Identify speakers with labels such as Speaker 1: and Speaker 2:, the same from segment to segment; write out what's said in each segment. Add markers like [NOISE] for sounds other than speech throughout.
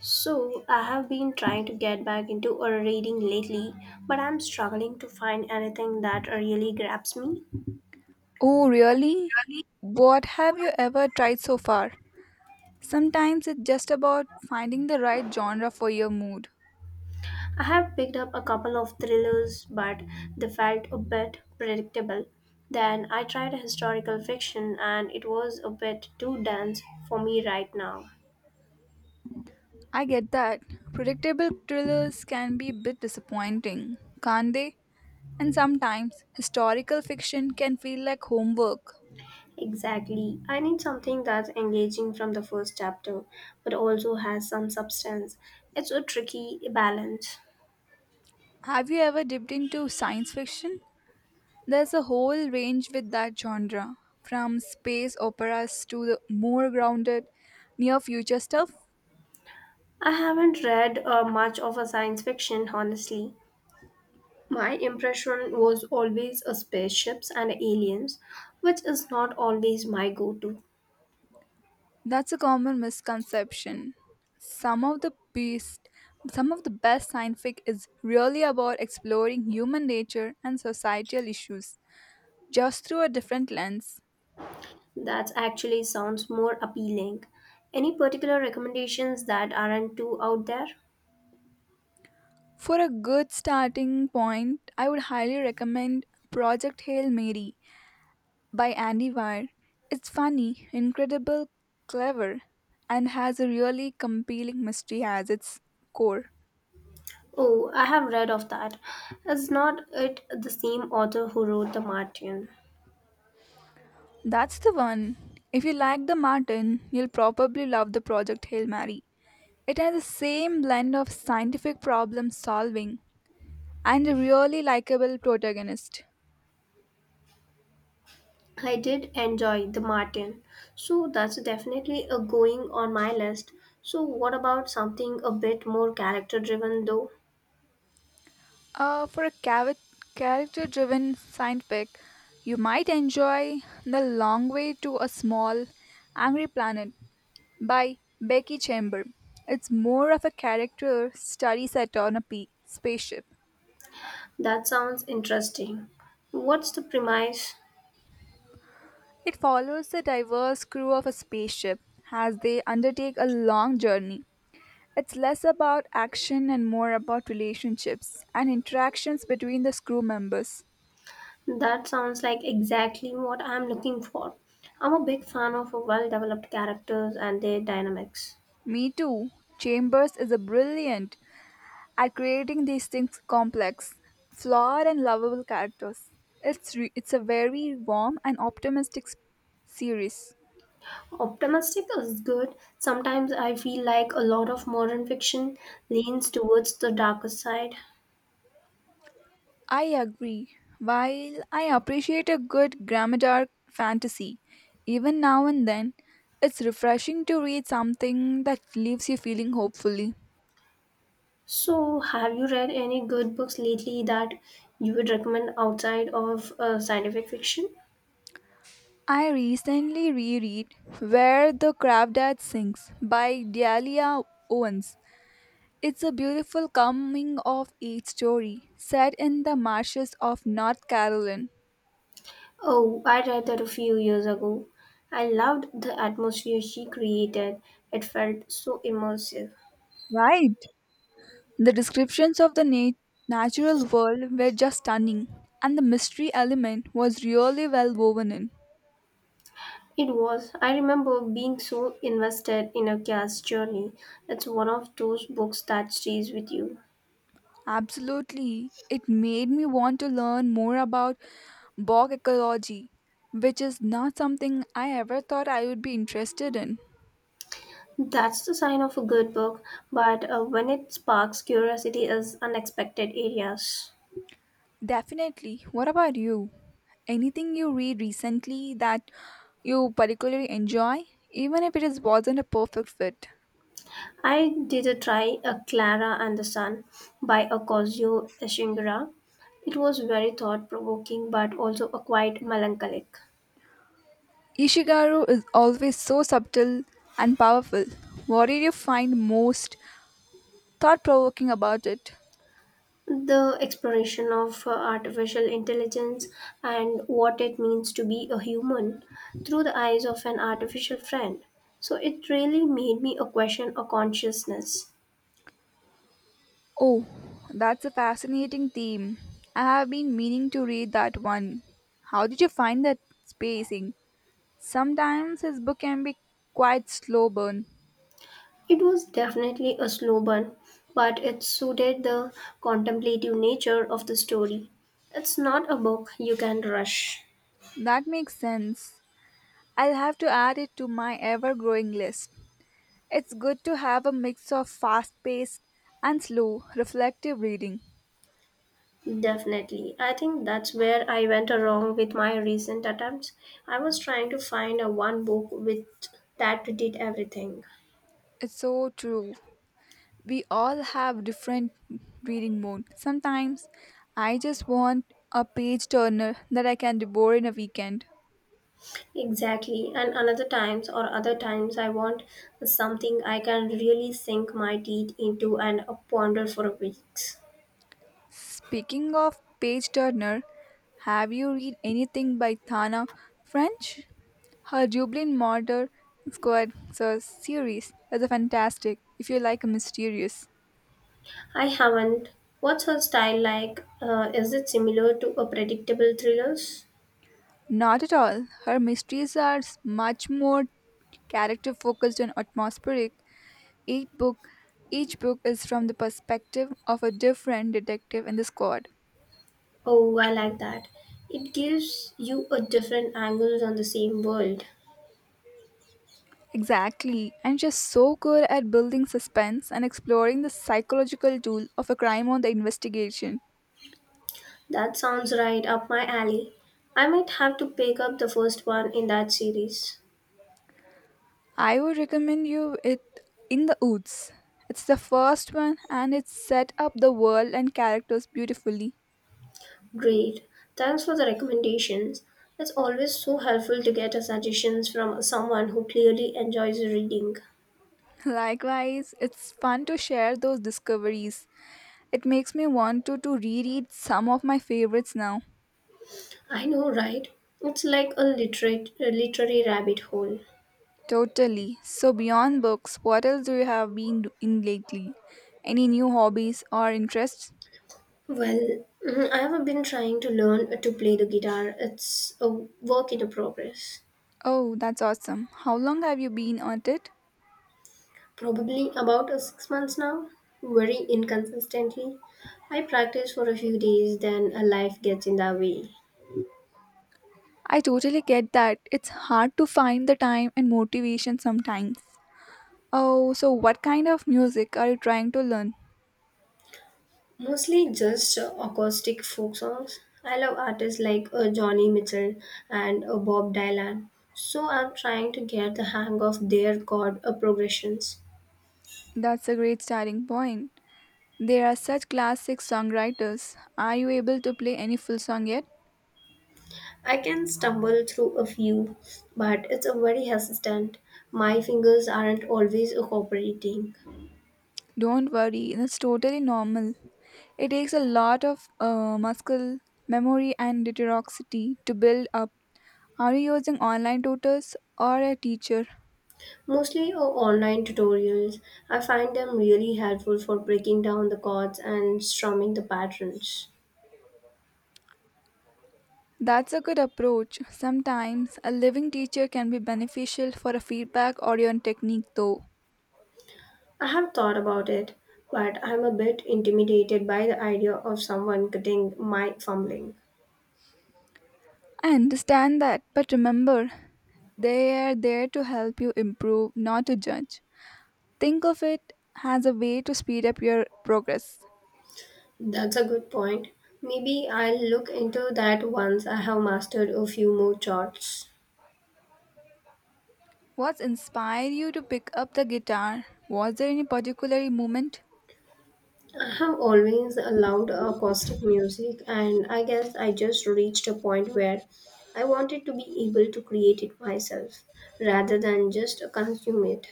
Speaker 1: So, I have been trying to get back into a reading lately, but I'm struggling to find anything that really grabs me.
Speaker 2: Oh, really? What have you ever tried so far? Sometimes it's just about finding the right genre for your mood.
Speaker 1: I have picked up a couple of thrillers, but they felt a bit predictable. Then I tried historical fiction, and it was a bit too dense for me right now.
Speaker 2: I get that. Predictable thrillers can be a bit disappointing, can't they? And sometimes historical fiction can feel like homework.
Speaker 1: Exactly. I need something that's engaging from the first chapter, but also has some substance. It's a tricky balance.
Speaker 2: Have you ever dipped into science fiction? There's a whole range with that genre, from space operas to the more grounded, near future stuff.
Speaker 1: I haven't read much of a science fiction, honestly. My impression was always a spaceships and aliens, which is not always my go-to.
Speaker 2: That's a common misconception. Some of the best, some of the best scientific is really about exploring human nature and societal issues just through a different lens.
Speaker 1: That actually sounds more appealing. Any particular recommendations that aren't too out there?
Speaker 2: For a good starting point, I would highly recommend Project Hail Mary by Andy Weir. It's funny, incredible, clever, and has a really compelling mystery as its core.
Speaker 1: Oh, I have read of that. Is not it the same author who wrote The Martian?
Speaker 2: That's the one. If you like the Martin, you'll probably love the Project Hail Mary. It has the same blend of scientific problem solving and a really likable protagonist.
Speaker 1: I did enjoy the Martin, so that's definitely a going on my list. So, what about something a bit more character driven though?
Speaker 2: For a character driven scientific, you might enjoy The Long Way to a Small, Angry Planet by Becky Chamber. It's more of a character study set on a spaceship.
Speaker 1: That sounds interesting. What's the premise?
Speaker 2: It follows the diverse crew of a spaceship as they undertake a long journey. It's less about action and more about relationships and interactions between the crew members.
Speaker 1: That sounds like exactly what I'm looking for. I'm a big fan of well developed characters and their dynamics.
Speaker 2: Me too. Chambers is a brilliant at creating these things complex, flawed and lovable characters. It's a very warm and optimistic series.
Speaker 1: Optimistic is good. Sometimes I feel like a lot of modern fiction leans towards the darker side.
Speaker 2: I agree. While I appreciate a good Grammadar fantasy, even now and then, it's refreshing to read something that leaves you feeling hopefully.
Speaker 1: So, have you read any good books lately that you would recommend outside of scientific fiction?
Speaker 2: I recently reread Where the Crawdad Sings by Dahlia Owens. It's a beautiful coming of age story set in the marshes of North Carolina.
Speaker 1: Oh, I read that a few years ago. I loved the atmosphere she created. It felt so immersive.
Speaker 2: Right. The descriptions of the natural world were just stunning, and the mystery element was really well woven in.
Speaker 1: It was. I remember being so invested in a cat's journey. It's one of those books that stays with you.
Speaker 2: Absolutely, it made me want to learn more about bog ecology, which is not something I ever thought I would be interested in.
Speaker 1: That's the sign of a good book, but when it sparks curiosity is unexpected areas.
Speaker 2: Definitely. What about you? Anything you read recently that you particularly enjoy, even if it is wasn't a perfect fit?
Speaker 1: I did a try a Clara and the Sun by Akosio Ishingura. It was very thought provoking but also a quite melancholic.
Speaker 2: Ishigaru is always so subtle and powerful. What did you find most thought provoking about it?
Speaker 1: The exploration of artificial intelligence and what it means to be a human through the eyes of an artificial friend. So it really made me a question a consciousness.
Speaker 2: Oh, that's a fascinating theme. I have been meaning to read that one. How did you find that spacing? Sometimes his book can be quite slow burn.
Speaker 1: It was definitely a slow burn, but it suited the contemplative nature of the story. It's not a book you can rush.
Speaker 2: That makes sense. I'll have to add it to my ever growing list. It's good to have a mix of fast paced and slow, reflective reading.
Speaker 1: Definitely. I think that's where I went wrong with my recent attempts. I was trying to find a one book with that did everything.
Speaker 2: It's so true. We all have different reading mode. Sometimes I just want a page turner that I can devour in a weekend.
Speaker 1: Exactly. And another times or other times I want something I can really sink my teeth into and ponder for weeks.
Speaker 2: Speaking of page turner, have you read anything by Thana French? Her Dublin Murder Squad series is a fantastic if you like mysterious.
Speaker 1: I haven't. What's her style like? Is it similar to a predictable thrillers?
Speaker 2: Not at all. Her mysteries are much more character focused and atmospheric. Each book each book is from the perspective of a different detective in the squad.
Speaker 1: Oh, I like that. It gives you a different angles on the same world.
Speaker 2: Exactly. And she's so good at building suspense and exploring the psychological tool of a crime on the investigation.
Speaker 1: That sounds right up my alley. I might have to pick up the first one in that series.
Speaker 2: I would recommend you it in the Woods. It's the first one and it set up the world and characters beautifully.
Speaker 1: Great. Thanks for the recommendations. It's always so helpful to get a suggestions from someone who clearly enjoys reading.
Speaker 2: [LAUGHS] Likewise, it's fun to share those discoveries. It makes me want to reread some of my favorites now.
Speaker 1: I know, right? It's like a literate, a literary rabbit hole.
Speaker 2: Totally. So, beyond books, what else do you have been do- in lately? Any new hobbies or interests?
Speaker 1: Well, I have been trying to learn to play the guitar. It's a work in progress.
Speaker 2: Oh, that's awesome. How long have you been at it?
Speaker 1: Probably about 6 months now, very inconsistently. I practice for a few days, then life gets in the way.
Speaker 2: I totally get that. It's hard to find the time and motivation sometimes. Oh, so what kind of music are you trying to learn?
Speaker 1: Mostly just acoustic folk songs. I love artists like Johnny Mitchell and Bob Dylan, so I'm trying to get the hang of their chord progressions.
Speaker 2: That's a great starting point. There are such classic songwriters. Are you able to play any full song yet?
Speaker 1: I can stumble through a few, but it's a very hesitant. My fingers aren't always cooperating.
Speaker 2: Don't worry, that's totally normal. It takes a lot of muscle memory and dexterity to build up. Are you using online tutors or a teacher?
Speaker 1: Mostly online tutorials. I find them really helpful for breaking down the chords and strumming the patterns.
Speaker 2: That's a good approach. Sometimes a living teacher can be beneficial for a feedback or your technique, though.
Speaker 1: I have thought about it, but I'm a bit intimidated by the idea of someone cutting my fumbling.
Speaker 2: I understand that, but remember, they are there to help you improve, not to judge. Think of it as a way to speed up your progress.
Speaker 1: That's a good point. Maybe I'll look into that once I have mastered a few more charts.
Speaker 2: What's inspired you to pick up the guitar? Was there any particular moment?
Speaker 1: I have always loved acoustic music, and I guess I just reached a point where I wanted to be able to create it myself rather than just consume it.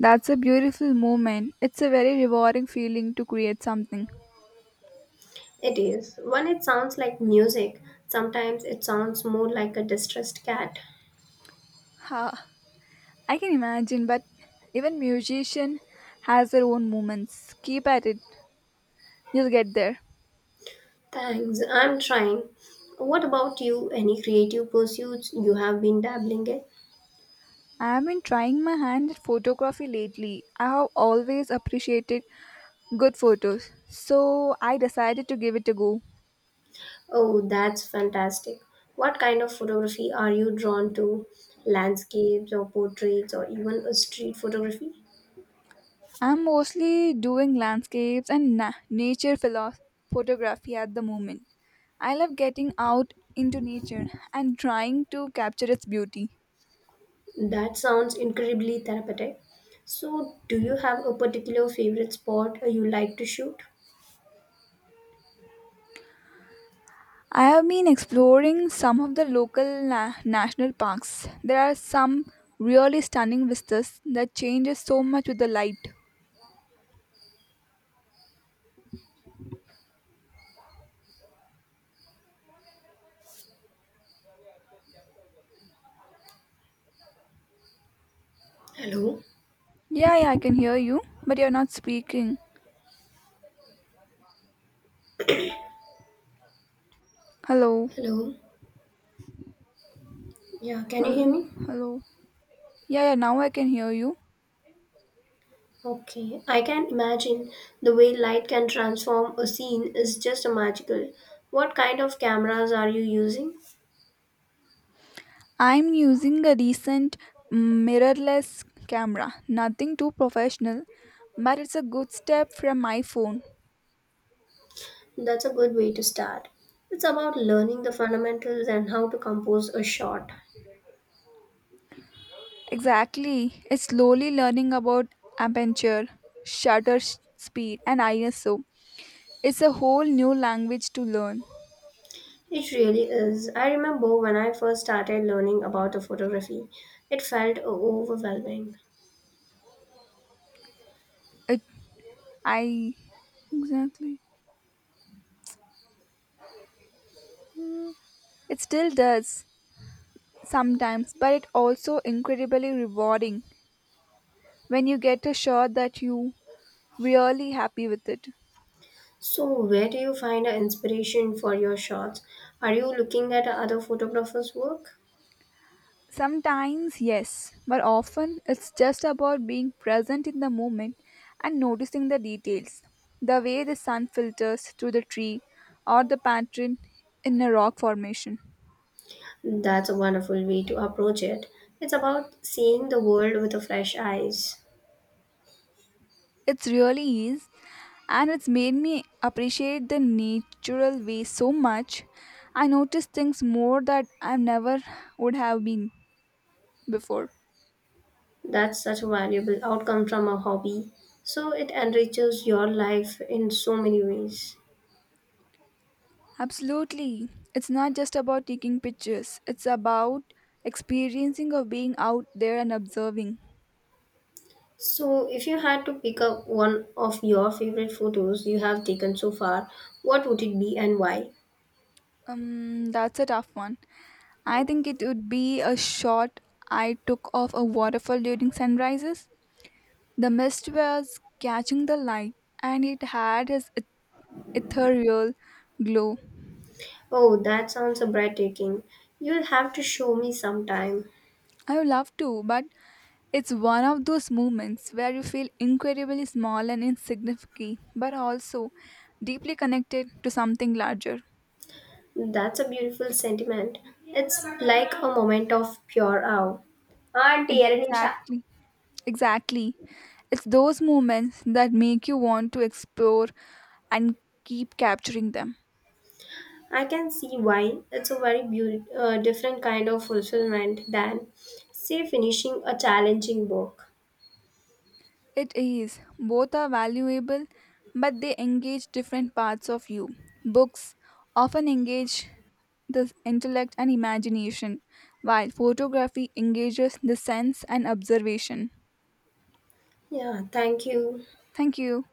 Speaker 2: That's a beautiful moment. It's a very rewarding feeling to create something.
Speaker 1: It is. When it sounds like music, sometimes it sounds more like a distressed cat.
Speaker 2: Ha, I can imagine, but even musician has their own moments. Keep at it. You'll get there.
Speaker 1: Thanks, I'm trying. What about you? Any creative pursuits you have been dabbling in?
Speaker 2: I have been trying my hand at photography lately. I have always appreciated good photos, so I decided to give it a go.
Speaker 1: Oh, that's fantastic. What kind of photography are you drawn to? Landscapes or portraits or even a street photography?
Speaker 2: I'm mostly doing landscapes and nature photography at the moment. I love getting out into nature and trying to capture its beauty.
Speaker 1: That sounds incredibly therapeutic. So, do you have a particular favorite spot you like to shoot?
Speaker 2: I have been exploring some of the local national parks. There are some really stunning vistas that changes so much with the light.
Speaker 1: Hello?
Speaker 2: Yeah, yeah, I can hear you, but you're not speaking. Hello.
Speaker 1: Hello? Yeah, can you hear
Speaker 2: Hello.
Speaker 1: me?
Speaker 2: Hello. Yeah, yeah, now I can hear you.
Speaker 1: Okay, I can imagine the way light can transform a scene is just magical. What kind of cameras are you using?
Speaker 2: I'm using a recent mirrorless camera. Nothing too professional, but it's a good step from my phone.
Speaker 1: That's a good way to start. It's about learning the fundamentals and how to compose a shot.
Speaker 2: Exactly. It's slowly learning about aperture, shutter speed, and ISO. It's a whole new language to learn.
Speaker 1: It really is. I remember when I first started learning about the photography, it felt overwhelming.
Speaker 2: It, I Exactly. It still does sometimes, but it also incredibly rewarding when you get a shot that you really happy with it.
Speaker 1: So, where do you find the inspiration for your shots? Are you looking at other photographers' work?
Speaker 2: Sometimes, yes, but often it's just about being present in the moment and noticing the details. The way the sun filters through the tree or the pattern in a rock formation.
Speaker 1: That's a wonderful way to approach it. It's about seeing the world with a fresh eyes.
Speaker 2: It really is, and it's made me appreciate the natural way so much. I notice things more that I never would have been before.
Speaker 1: That's such a valuable outcome from a hobby. So it enriches your life in so many ways.
Speaker 2: Absolutely. It's not just about taking pictures, it's about experiencing of being out there and observing.
Speaker 1: So, if you had to pick up one of your favorite photos you have taken so far, what would it be and why?
Speaker 2: That's a tough one. I think it would be a shot I took of a waterfall during sunrises. The mist was catching the light and it had its ethereal glow.
Speaker 1: Oh, that sounds breathtaking. You'll have to show me sometime.
Speaker 2: I would love to, but it's one of those moments where you feel incredibly small and insignificant, but also deeply connected to something larger.
Speaker 1: That's a beautiful sentiment. It's like a moment of pure awe. Auntie, Erin Shah.
Speaker 2: Exactly. Exactly. It's those moments that make you want to explore and keep capturing them.
Speaker 1: I can see why it's a very different kind of fulfillment than, say, finishing a challenging book.
Speaker 2: It is. Both are valuable, but they engage different parts of you. Books often engage the intellect and imagination, while photography engages the sense and observation.
Speaker 1: Yeah, thank you.
Speaker 2: Thank you.